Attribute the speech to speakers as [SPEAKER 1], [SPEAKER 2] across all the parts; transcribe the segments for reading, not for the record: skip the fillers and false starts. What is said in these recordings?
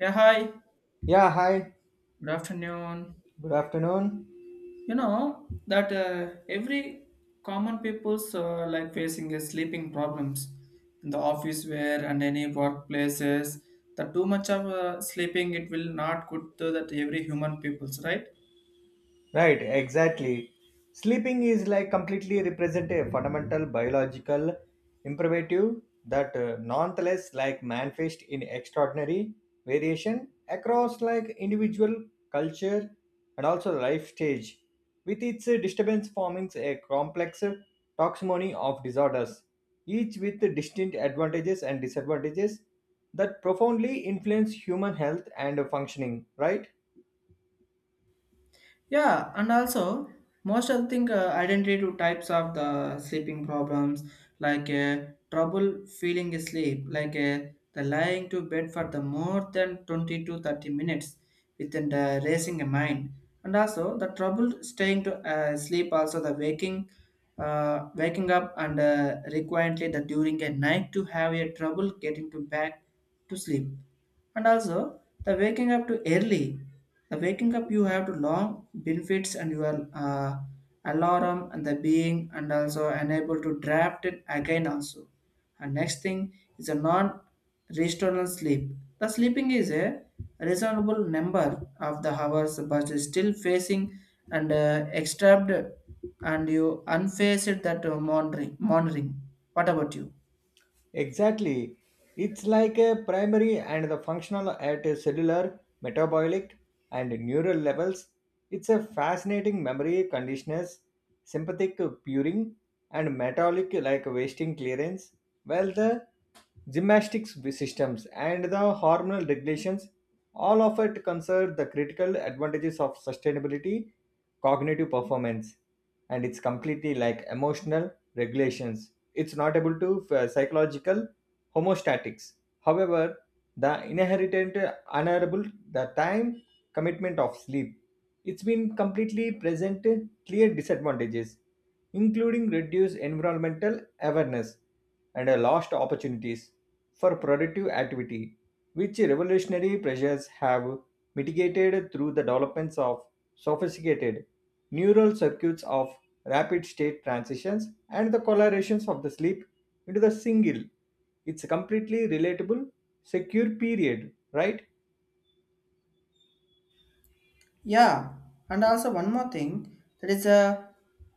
[SPEAKER 1] Yeah, hi.
[SPEAKER 2] Yeah, hi.
[SPEAKER 1] Good afternoon.
[SPEAKER 2] Good afternoon.
[SPEAKER 1] You know that every common people's like facing a sleeping problems in the office where and any workplaces. The too much of sleeping it will not good to that every human people's right.
[SPEAKER 2] Right, exactly. Sleeping is like completely represent a fundamental biological imperative that nonetheless like manifest in extraordinary variation across like individual culture and also life stage with its disturbance forming a complex taxonomy of disorders each with distinct advantages and disadvantages that profoundly influence human health and functioning, right.
[SPEAKER 1] Yeah, and also most of the thing identity to types of the sleeping problems like trouble feeling sleep, like the lying to bed for the more than 20 to 30 minutes within the racing a mind, and also the trouble staying to sleep, also the waking, waking up and requiredly the during a night to have a trouble getting to back to sleep and also the waking up to early the waking up you have to long benefits and your alarm and the being and also unable to draft it again also and next thing is a non restorative sleep the sleeping is a reasonable number of the hours but is still facing and extract and you unfaced that monitoring what about you?
[SPEAKER 2] Exactly. It's like a primary and the functional at a cellular, metabolic, and neural levels. It's a fascinating memory conditioners, sympathetic puring, and metabolic like wasting clearance. Well, the gymnastics systems and the hormonal regulations, all of it concern the critical advantages of sustainability, cognitive performance, and it's completely like emotional regulations, it's not able to psychological homostatics. However, the inherent honorable the time commitment of sleep. It's been completely present clear disadvantages, including reduced environmental awareness and a lost opportunities for productive activity, which revolutionary pressures have mitigated through the developments of sophisticated neural circuits of rapid state transitions, and the colorations of the sleep into the single. It's a completely relatable, secure period, right?
[SPEAKER 1] Yeah, and also one more thing, that is a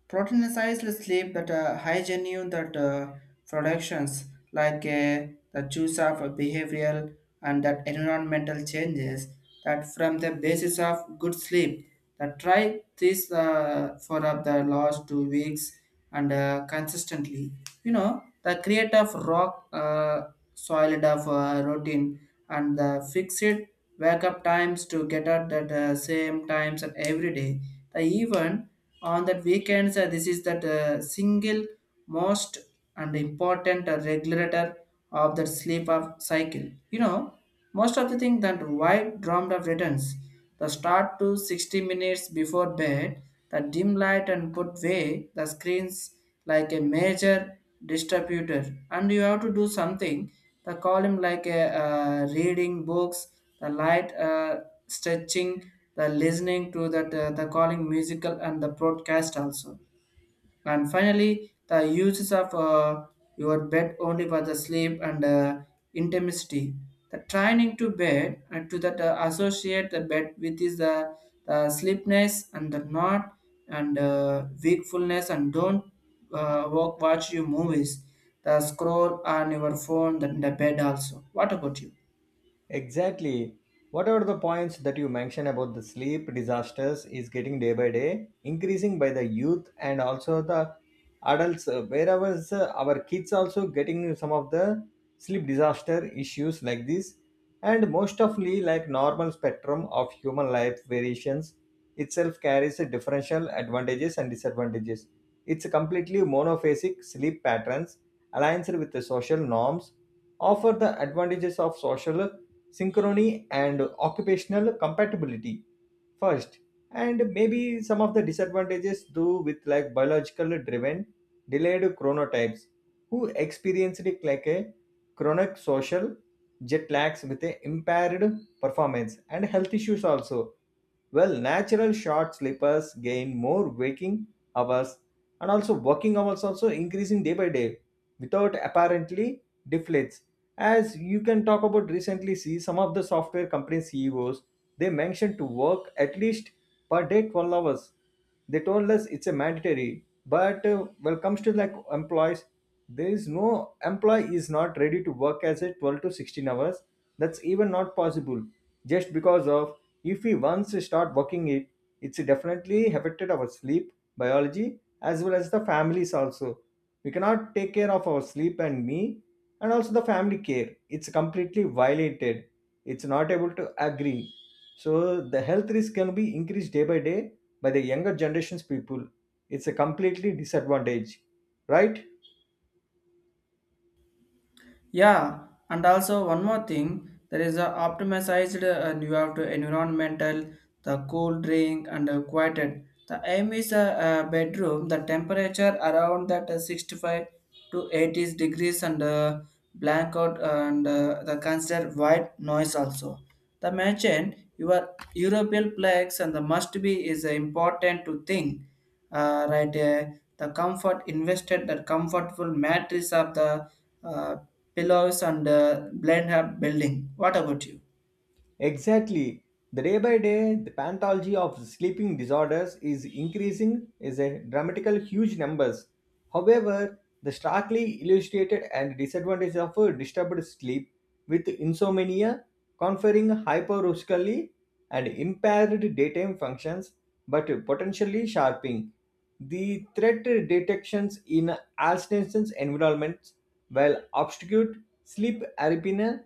[SPEAKER 1] proteinized sleep that high genuine that productions like the choice of a behavioral and that environmental changes that from the basis of good sleep that try this for the last 2 weeks and consistently you know the create of rock solid of routine and the fix it wake up times to get up at the same times at every day. The even on that weekends, this is that single most and important regulator of the sleep of cycle. You know, most of the thing that why dreamed of returns. The start to 60 minutes before bed, the dim light and put away the screens like a major distributor. And you have to do something. The column like a reading books, the light stretching, the listening to that the calling musical and the broadcast also. And finally, the uses of your bed only for the sleep and intimacy. The training to bed and to that associate the bed with is the sleepness and the not and wakefulness and don't walk, watch your movies, the scroll on your phone, the bed also. What about you?
[SPEAKER 2] Exactly. What are the points that you mentioned about the sleep disasters is getting day by day increasing by the youth and also the adults, wherever our kids also getting some of the sleep disaster issues like this, and most ofly like normal spectrum of human life variations itself carries a differential advantages and disadvantages. It's a completely monophasic sleep patterns aligns with the social norms offer the advantages of social synchrony and occupational compatibility first, and maybe some of the disadvantages do with like biological driven delayed chronotypes who experienced like a chronic social jet lags with a impaired performance and health issues also. Well, natural short sleepers gain more waking hours, and also working hours also increasing day by day without apparently deflates, as you can talk about recently see some of the software company CEOs. They mentioned to work at least per day 12 hours. They told us it's a mandatory, but when it comes to like employees, there is no employee is not ready to work as a 12 to 16 hours. That's even not possible, just because of if we once start working it, it's definitely affected our sleep biology as well as the families also. We cannot take care of our sleep and me, and also the family care it's completely violated. It's not able to agree. So the health risk can be increased day by day by the younger generations people. It's a completely disadvantage, right?
[SPEAKER 1] Yeah, and also one more thing, there is a optimized and you have to environmental, the cool drink and quieted. The aim is a bedroom, the temperature around that 65 to 80 degrees and blackout and the consider white noise also. The mention your European plagues and the must be is important to think. Right, the comfort invested, the comfortable mattress of the uh, pillows and blend up building. What about you?
[SPEAKER 2] Exactly. The day by day, the pathology of sleeping disorders is increasing is a dramatical huge numbers. However, the starkly illustrated and disadvantage of a disturbed sleep with insomnia conferring hyperoscally and impaired daytime functions, but potentially sharpening the threat detections in Alzheimer's environments, while obscured sleep apnea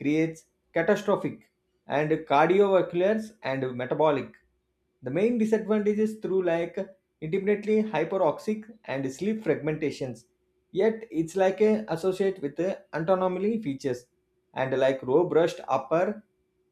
[SPEAKER 2] creates catastrophic and cardiovasculars and metabolic the main disadvantages through like intermittently hyperoxic and sleep fragmentations, yet it's like a associate with the autonomy features and like row brushed upper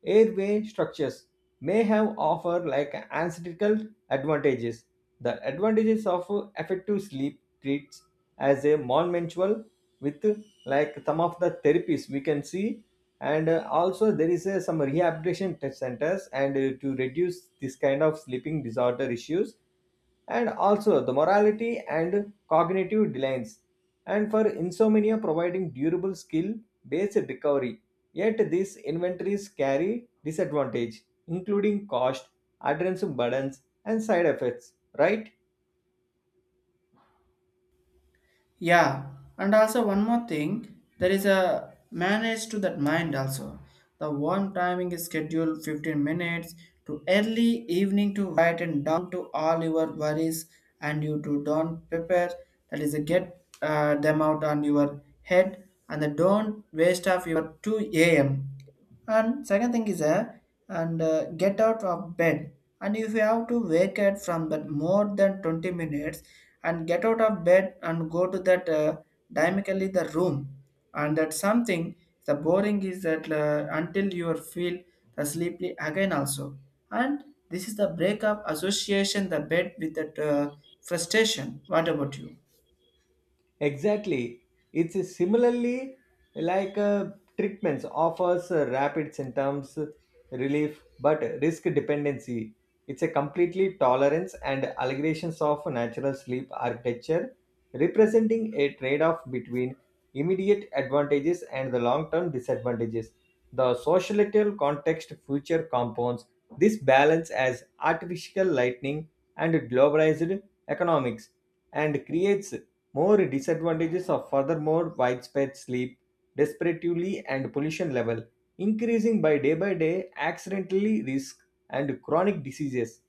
[SPEAKER 2] airway structures may have offer like ancestral advantages. The advantages of effective sleep treats as a monumental with like some of the therapies we can see, and also there is some rehabilitation test centers and to reduce this kind of sleeping disorder issues, and also the morality and cognitive delays and for insomnia providing durable skill based recovery, yet these inventories carry disadvantage including cost, adherence burdens and side effects, right.
[SPEAKER 1] Yeah, and also one more thing, there is a manage to that mind also. The one timing is scheduled 15 minutes to early evening to write and down to all your worries and you to don't prepare. That is a get them out on your head and the don't waste of your 2 a.m. And second thing is a and get out of bed. And if you have to wake up from that more than 20 minutes and get out of bed and go to that dynamically the room and that something the boring is that until you feel the sleepy again also and this is the breakup association the bed with that frustration. What about you?
[SPEAKER 2] Exactly. It's similarly like treatments offers rapid symptoms relief but risk dependency. It's a completely tolerance and allegations of natural sleep architecture representing a trade-off between immediate advantages and the long-term disadvantages. The societal context future compounds this balance as artificial lightning and globalized economics and creates more disadvantages are furthermore widespread sleep, disparately and pollution level, increasing by day accidentally risk and chronic diseases,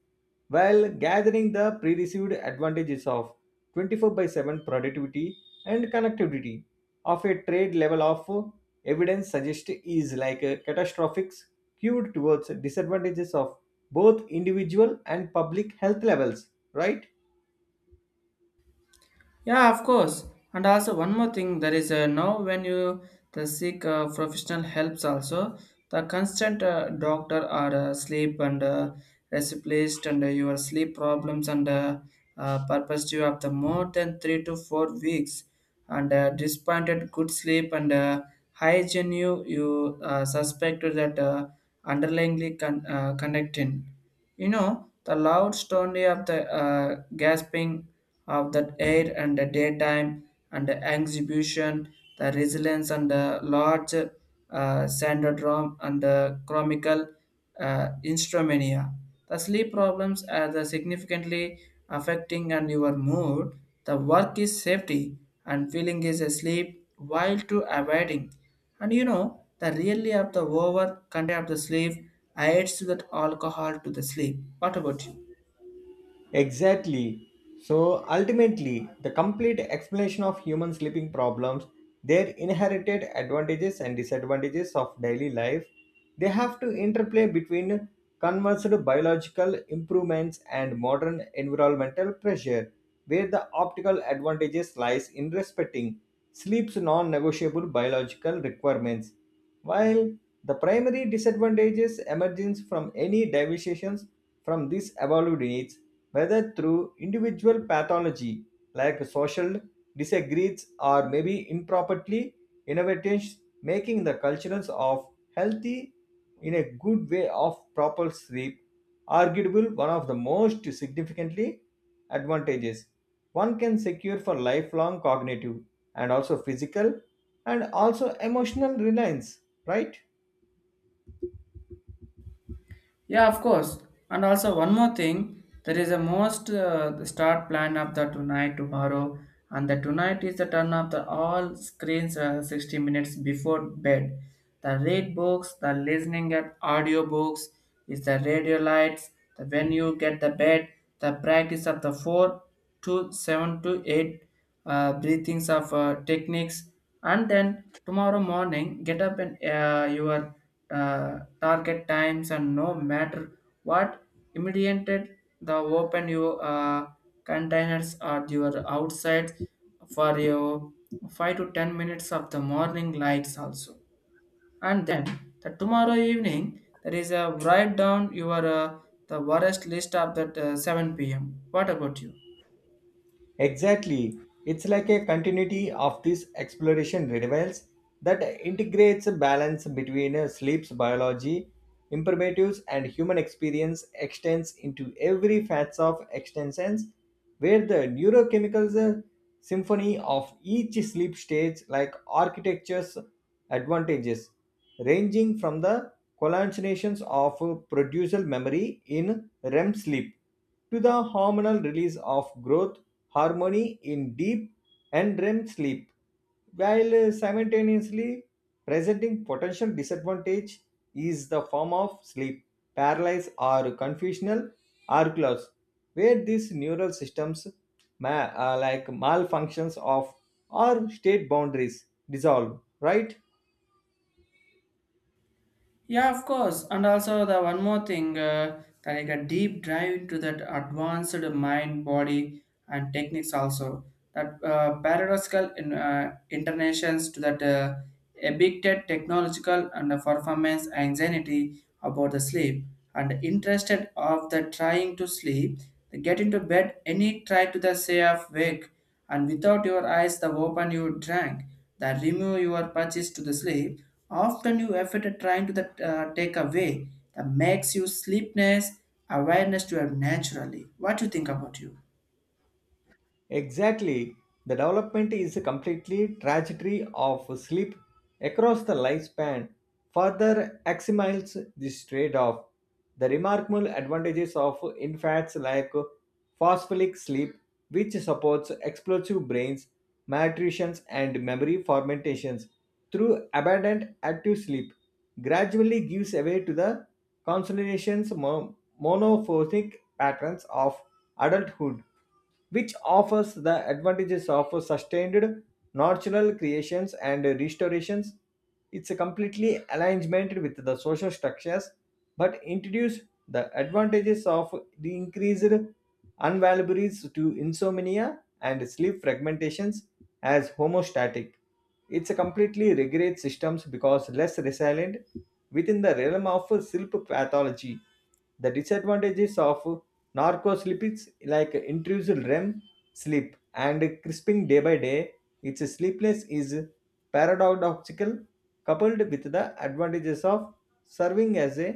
[SPEAKER 2] while gathering the pre-received advantages of 24 by 7 productivity and connectivity of a trade level of evidence suggest is like a catastrophic skewed towards disadvantages of both individual and public health levels, right?
[SPEAKER 1] Yeah, of course. And also one more thing, there is a now when you the seek professional helps also the constant doctor or sleep and replaced and your sleep problems and purpose due after more than 3 to 4 weeks and disappointed good sleep and high genuine you suspect that underlyingly connecting. You know, the loud story of the gasping of the air and the daytime and the exhibition, the resilience and the large syndrome and the chronicle insomnia. The sleep problems are the significantly affecting and your mood. The work is safety and feeling is asleep while to avoiding. And you know the really of the over content of the sleep aids to that alcohol to the sleep. What about you?
[SPEAKER 2] Exactly. So ultimately, the complete explanation of human sleeping problems, their inherited advantages and disadvantages of daily life, they have to interplay between conversed biological improvements and modern environmental pressure, where the optical advantages lies in respecting sleep's non-negotiable biological requirements, while the primary disadvantages emerges from any deviations from these evolved needs, whether through individual pathology like social disagrees or maybe improperly innovations, making the cultures of healthy in a good way of proper sleep, arguable one of the most significantly advantages one can secure for lifelong cognitive and also physical and also emotional reliance, right?
[SPEAKER 1] Yeah, of course. And also one more thing, there is a most the start plan of the tonight tomorrow, and the tonight is the turn of the all screens 60 minutes before bed. The read books, the listening at audio books, is the radio lights. The when you get the bed, the practice of the four to seven to eight breathings of techniques and then tomorrow morning get up and your target times and no matter what immediated the open your containers or your outside for your 5 to 10 minutes of the morning lights also and then the tomorrow evening there is a write down your the worst list of that 7 p.m. What about you?
[SPEAKER 2] Exactly. It's like a continuity of this exploration revels that integrates a balance between sleep's biology, imperatives, and human experience extends into every facets of extensions, where the neurochemical symphony of each sleep stage like architecture's advantages, ranging from the hallucinations of producer memory in REM sleep to the hormonal release of growth harmony in deep and REM sleep, while simultaneously presenting potential disadvantage is the form of sleep paralysis or confusional arcloss, where these neural systems like malfunctions of or state boundaries dissolve, right?
[SPEAKER 1] Yeah, of course. And also the one more thing, like a deep dive into that advanced mind, body, and techniques also that paradoxical in internations to that addicted technological and performance anxiety about the sleep and interested of the trying to sleep they get into bed any try to the say of wake and without your eyes the open you drank that remove your purchase to the sleep often you effort at trying to take away that makes you sleepness awareness to have naturally. What do you think about you?
[SPEAKER 2] Exactly. The development is a completely trajectory of sleep across the lifespan. Further axiomiles this trade-off. The remarkable advantages of infants like phospholic sleep, which supports explosive brains, malnutrition, and memory fermentations through abundant active sleep, gradually gives way to the consolidation's mo- monophonic patterns of adulthood, which offers the advantages of sustained natural creations and restorations. It's a completely alignment with the social structures, but introduce the advantages of the increased unvaluables to insomnia and sleep fragmentations as homostatic. It's a completely regrade systems because less resilient within the realm of sleep pathology. The disadvantages of Narcoslipids like intrusive REM sleep and crisping day by day, its sleepless is paradoxical coupled with the advantages of serving as a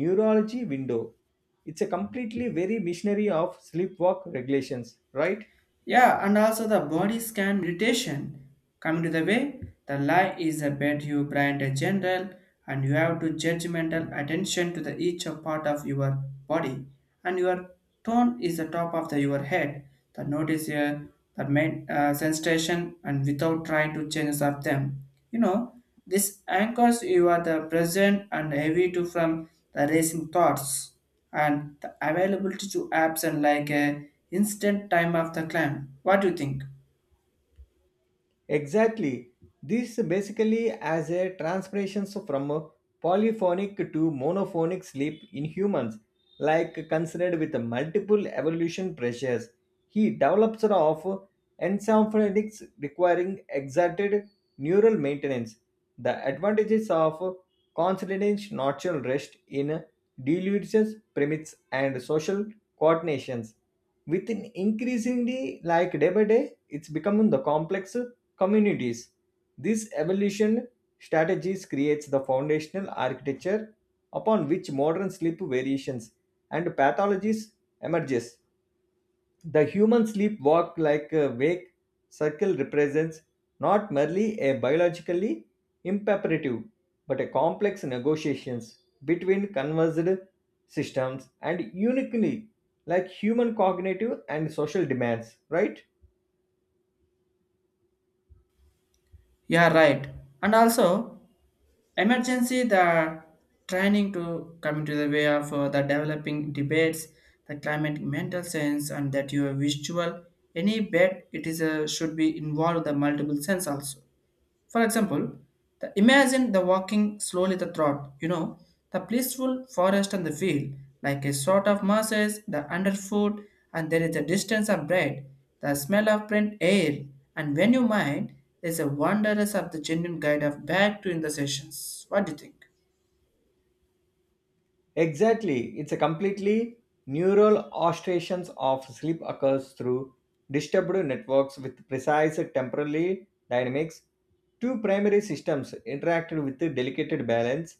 [SPEAKER 2] neurology window. It's a completely very missionary of sleep walk regulations, right?
[SPEAKER 1] Yeah, and also the body scan meditation. Coming to the way, the lie is a bed you blind a general and you have to judgmental attention to the each of part of your body and your tone is the top of your head. The notice here the main sensation and without trying to change of them. You know, this anchors you are the present and heavy to from the racing thoughts and the availability to apps and like a instant time of the climb. What do you think?
[SPEAKER 2] Exactly. This basically as a transpiration from a polyphonic to monophonic sleep in humans, like considered with multiple evolution pressures. He develops of encephalitics requiring exerted neural maintenance. The advantages of constant natural rest in delusions, permits and social coordinations. Within increasingly like day by day, it's becoming the complex communities. This evolution strategies creates the foundational architecture upon which modern sleep variations and pathologies emerges. The human sleep walk like a wake circle represents not merely a biologically imperative but a complex negotiations between converged systems and uniquely like human cognitive and social demands, right?
[SPEAKER 1] Yeah, right. And also, emergency the training to come to the way of the developing debates, the climate mental sense, and that your visual any bet it is a should be involved the multiple sense also. For example, the imagine the walking slowly the throat, you know, the blissful forest and the field, like a sort of masses, the underfoot, and there is a distance of bread, the smell of print air, and when you mind, there's a wanderers of the genuine guide of back to in the sessions. What do you think?
[SPEAKER 2] Exactly. It's a completely neural oscillations of sleep occurs through disturbed networks with precise temporal dynamics. Two primary systems interact with the delicate balance,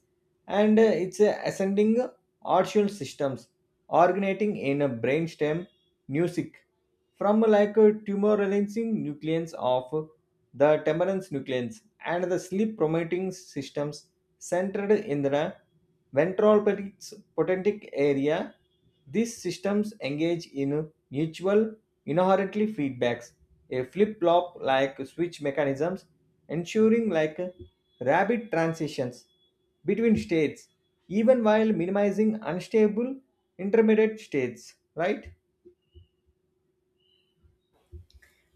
[SPEAKER 2] and it's a ascending artial systems originating in a brainstem music from like a tumor-releasing nucleons of the temperance nucleons, and the sleep-promoting systems centered in the ventral potentic area. These systems engage in mutual inherently feedbacks, a flip-flop like switch mechanisms, ensuring like rapid transitions between states, even while minimizing unstable intermediate states, right?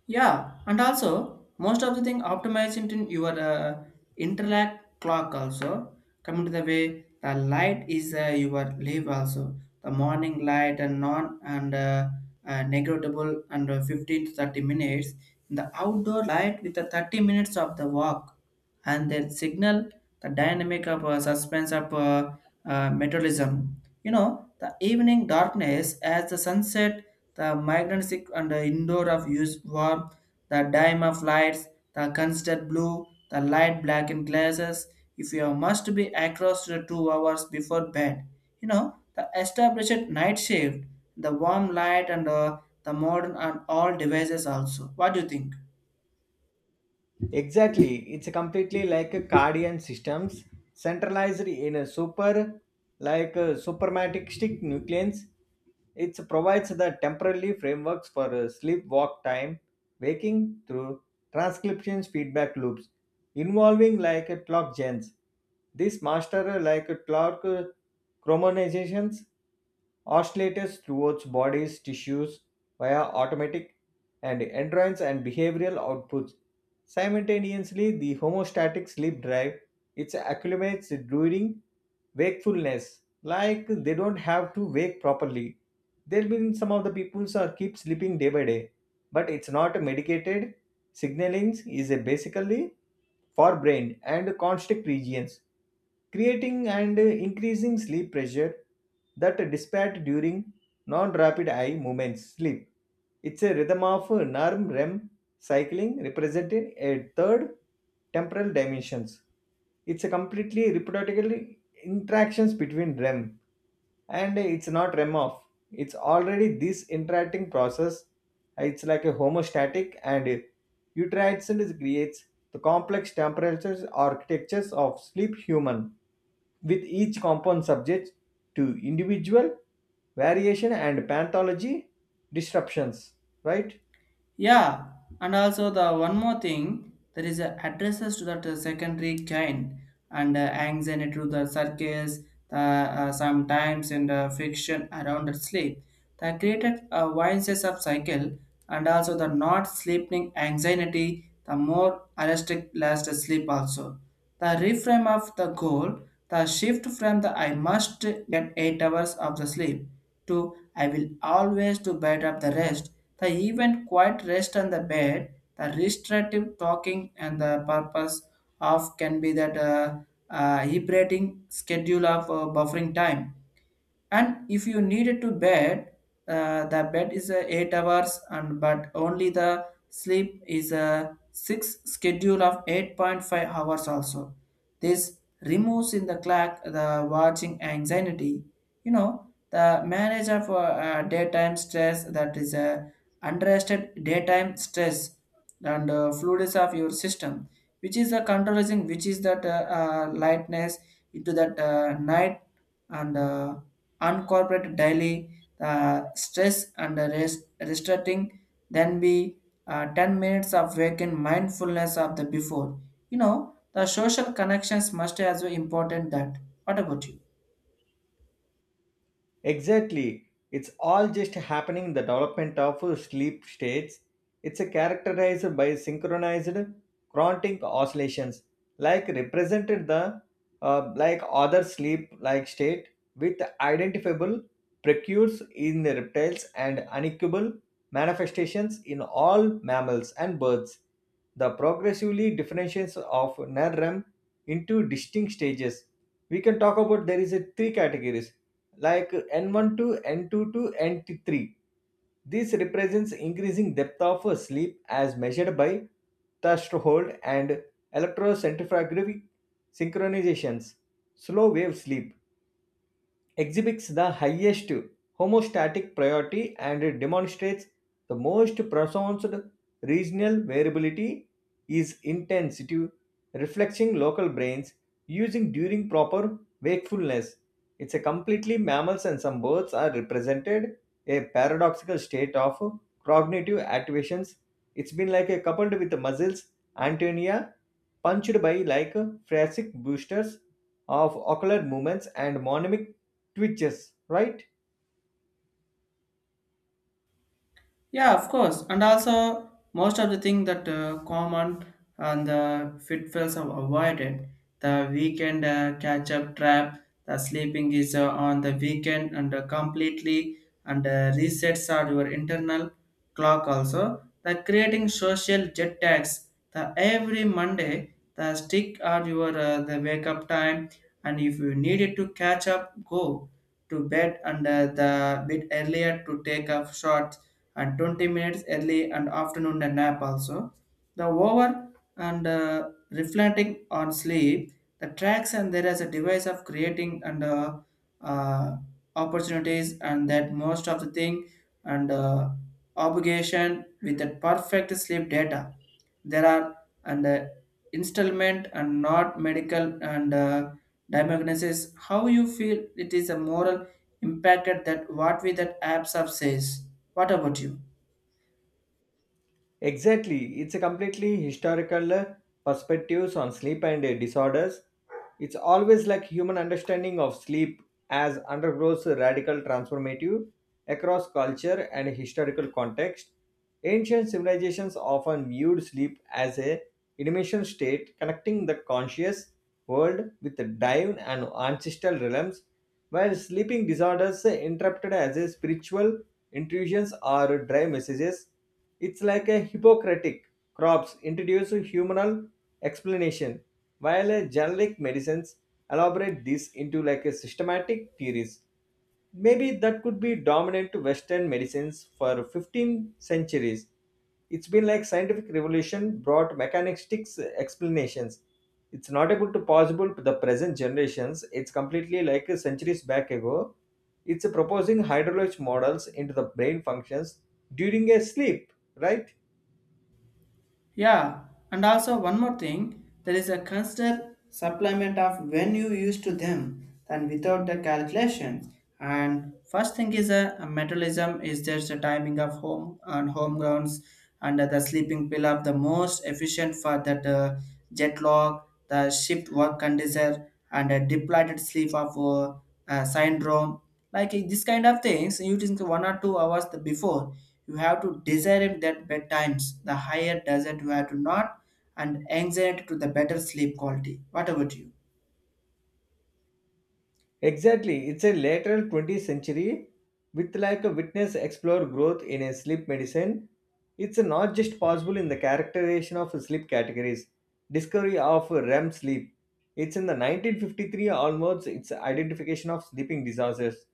[SPEAKER 1] Yeah, and also most of the thing optimized into your interact clock also coming to the way the light is your leave also the morning light and non and negligible and 15 to 30 minutes the outdoor light with the 30 minutes of the walk and then signal the dynamic of suspense of metabolism. You know, the evening darkness as the sunset, the magnetic and the indoor of use warm, the dime of lights, the constant blue, the light black in glasses. If you must be across the 2 hours before bed, you know, the established night shift, the warm light and the modern and all devices also. What do you think?
[SPEAKER 2] Exactly. It's a completely like a Cardian systems centralized in a super like a supermatic nucleons. It provides the temporary frameworks for sleep walk time, waking through transcription feedback loops involving like a clock gens. This master like a clock chromonizations oscillators throughout bodies tissues via automatic and endurance and behavioral outputs. Simultaneously, the homostatic sleep drive it acclimates during wakefulness, like they don't have to wake properly. There been some of the people are keep sleeping day by day, but it's not medicated. Signaling is a basically for brain and constrict regions, creating and increasing sleep pressure that dissipate during non-rapid eye movements sleep. It's a rhythm of NREM. REM Cycling represented a third temporal dimensions. It's a completely reproducible interactions between REM and it's not REM off. It's already this interacting process. It's like a homostatic and uterine creates the complex temperatures architectures of sleep human with each compound subject to individual variation and pathology disruptions, right.
[SPEAKER 1] Yeah, and also the one more thing, there is a addresses to that secondary kind and anxiety to the circus, the sometimes in the fiction around the sleep. They created a vicious of cycle and also the not sleeping anxiety, the more arrested last sleep also. The reframe of the goal, the shift from the I must get 8 hours of the sleep to I will always do better of the rest the event quiet rest on the bed, the restorative talking and the purpose of can be that liberating schedule of buffering time and if you needed to bed the bed is 8 hours and but only the sleep is a 6 schedule of 8.5 hours also this removes in the clock the watching anxiety you know the manage of daytime stress that is a underestimated daytime stress and fluids of your system which is the controlling which is that lightness into that night and unincorporated daily stress and rest, restricting then be 10 minutes of waking mindfulness of the before you know the social connections must as well important that what about you?
[SPEAKER 2] Exactly. It's all just happening in the development of sleep states. It's characterized by synchronized chrontic oscillations, like represented the like other sleep-like state with identifiable precursors in the reptiles and unequivocal manifestations in all mammals and birds. The progressively differentiations of NREM into distinct stages. We can talk about there is a three categories like N1 to N2 to N3. This represents increasing depth of sleep as measured by threshold and electrocentrifugal synchronizations, slow wave sleep exhibits the highest homeostatic priority and demonstrates the most pronounced regional variability is intensity reflecting local brains using during proper wakefulness. It's a completely mammals and some birds are represented a paradoxical state of cognitive activations. It's been like a coupled with the muscles antennae punched by like thoracic boosters of ocular movements and mnemonic twitches, right?
[SPEAKER 1] Yeah, of course. And also, most of the thing that common and the pitfalls are avoided. The weekend catch up trap, the sleeping is on the weekend and completely and resets are your internal clock also. The creating social jet tags, the every Monday, the stick are your the wake up time and if you needed to catch up, go to bed and the bit earlier to take a short and 20 minutes early and afternoon and nap also. The over and reflecting on sleep, the tracks and there is a device of creating and uh, opportunities and that most of the thing and obligation with the perfect sleep data. There are and installment and not medical and diagnosis. How you feel it is a moral impacted that what we that apps of says. What about you?
[SPEAKER 2] Exactly. It's a completely historical perspectives on sleep and disorders. It's always like human understanding of sleep as undergoes a radical transformative across culture and historical context. Ancient civilizations often viewed sleep as a intermission state connecting the conscious world with the divine and ancestral realms, while sleeping disorders interpreted as a spiritual intrusions or dry messages. It's like a Hippocratic crops introduce a humoral explanation, while a generic medicines elaborate this into like a systematic theories. Maybe that could be dominant to Western medicines for 15 centuries. It's been like scientific revolution brought mechanistic explanations. It's not able to possible to the present generations. It's completely like centuries back ago. It's proposing hydrologic models into the brain functions during a sleep, right?
[SPEAKER 1] Yeah, and also one more thing, there is a constant supplement of when you use to them than without the calculation. And first thing is a metabolism is just a timing of home and home grounds and the sleeping pill of the most efficient for that jet lag, the shift work condition and a depleted sleep of syndrome like this kind of things you think 1 or 2 hours the before you have to desire it that bedtimes the higher doesn't you have to not and anxiety to the better sleep quality. What about you?
[SPEAKER 2] Exactly, it's a lateral 20th century with like a witness explore growth in a sleep medicine. It's not just possible in the characterization of sleep categories, discovery of REM sleep. It's in the 1953 almost its identification of sleeping disorders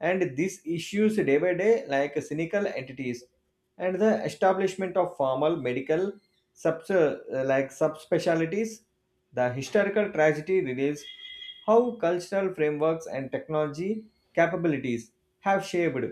[SPEAKER 2] and these issues day by day like cynical entities and the establishment of formal medical like subspecialties, the historical tragedy reveals how cultural frameworks and technology capabilities have shaped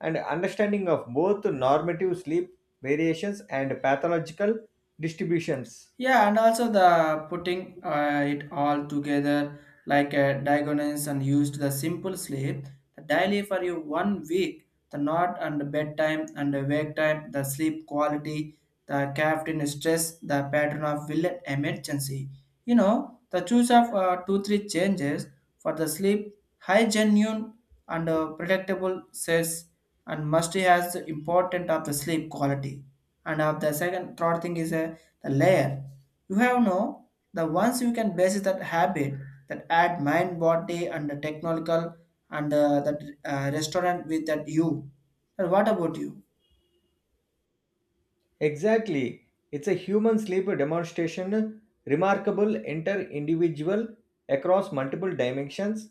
[SPEAKER 2] and understanding of both normative sleep variations and pathological distributions.
[SPEAKER 1] Yeah, and also the putting it all together like a diagonals and used the simple sleep, the daily for you 1 week, the not and bedtime and the wake time, the sleep quality, the caffeine stress, the pattern of will emergency. You know, the choose of 2 3 changes for the sleep, high genuine and predictable says and must has the important of the sleep quality and of the second third thing is the layer you have no the ones you can basis that habit that add mind body and the technological and that restaurant with that you and what about you?
[SPEAKER 2] Exactly. It's a human sleep demonstration, remarkable inter individual across multiple dimensions,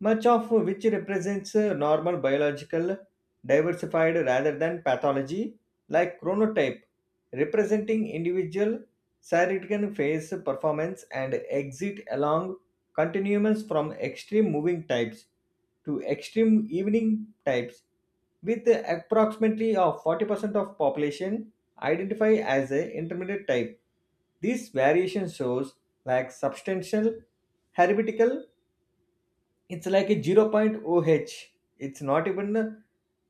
[SPEAKER 2] much of which represents normal biological diversified rather than pathology, like chronotype, representing individual circadian phase performance and exit along continuums from extreme moving types to extreme evening types with approximately of 40% of population identify as a intermediate type. This variation shows like substantial heretical it's like a 0.0 h. It's not even a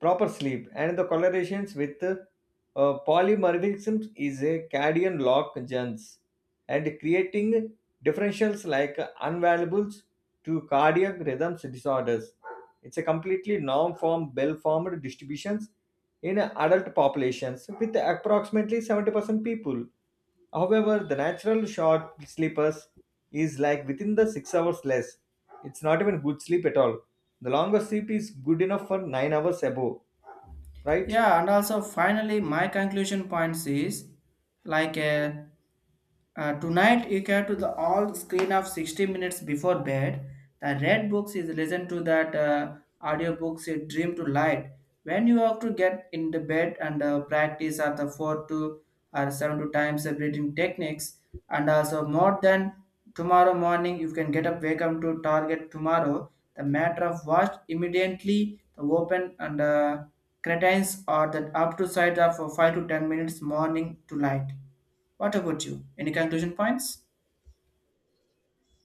[SPEAKER 2] proper sleep and the colorations with polymorphisms is a cadian lock gens and creating differentials like unvaluables to cardiac rhythms disorders. It's a completely non-form well-formed distributions in adult populations with approximately 70% people. However, the natural short sleepers is like within the 6 hours less. It's not even good sleep at all. The longer sleep is good enough for 9 hours above, right?
[SPEAKER 1] Yeah, and also finally my conclusion points is like tonight you can to the all screen of 60 minutes before bed. The red books is listen to that audio books dream to light. When you have to get in the bed and practice at the four to or seven to times the breathing techniques and also more than tomorrow morning you can get up wake up to target tomorrow. The matter of watch immediately the open and cretins or that up to side of 5 to 10 minutes morning to light. What about you? Any conclusion points?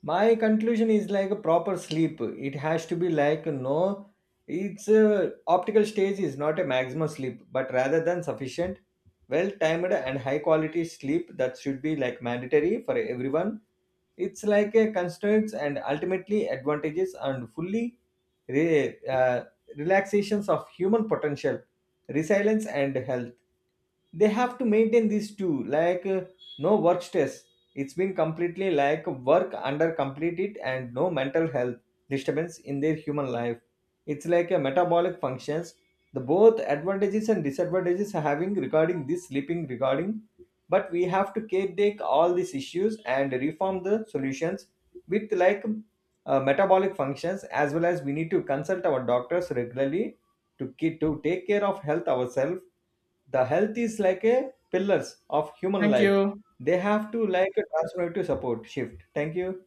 [SPEAKER 2] My conclusion is like a proper sleep it has to be like no it's a optical stage is not a maximum sleep but rather than sufficient well timed and high quality sleep that should be like mandatory for everyone. It's like a constraints and ultimately advantages and fully re- uh, relaxations of human potential resilience and health. They have to maintain these two like no work stress. It's been completely like work under complete it and no mental health disturbance in their human life. It's like a metabolic functions. The both advantages and disadvantages are having regarding this sleeping regarding, but we have to take all these issues and reform the solutions with like metabolic functions as well as we need to consult our doctors regularly to to take care of health ourselves. The health is like a pillars of human
[SPEAKER 1] Thank
[SPEAKER 2] life.
[SPEAKER 1] you.
[SPEAKER 2] They have to like a transformative support shift. Thank you.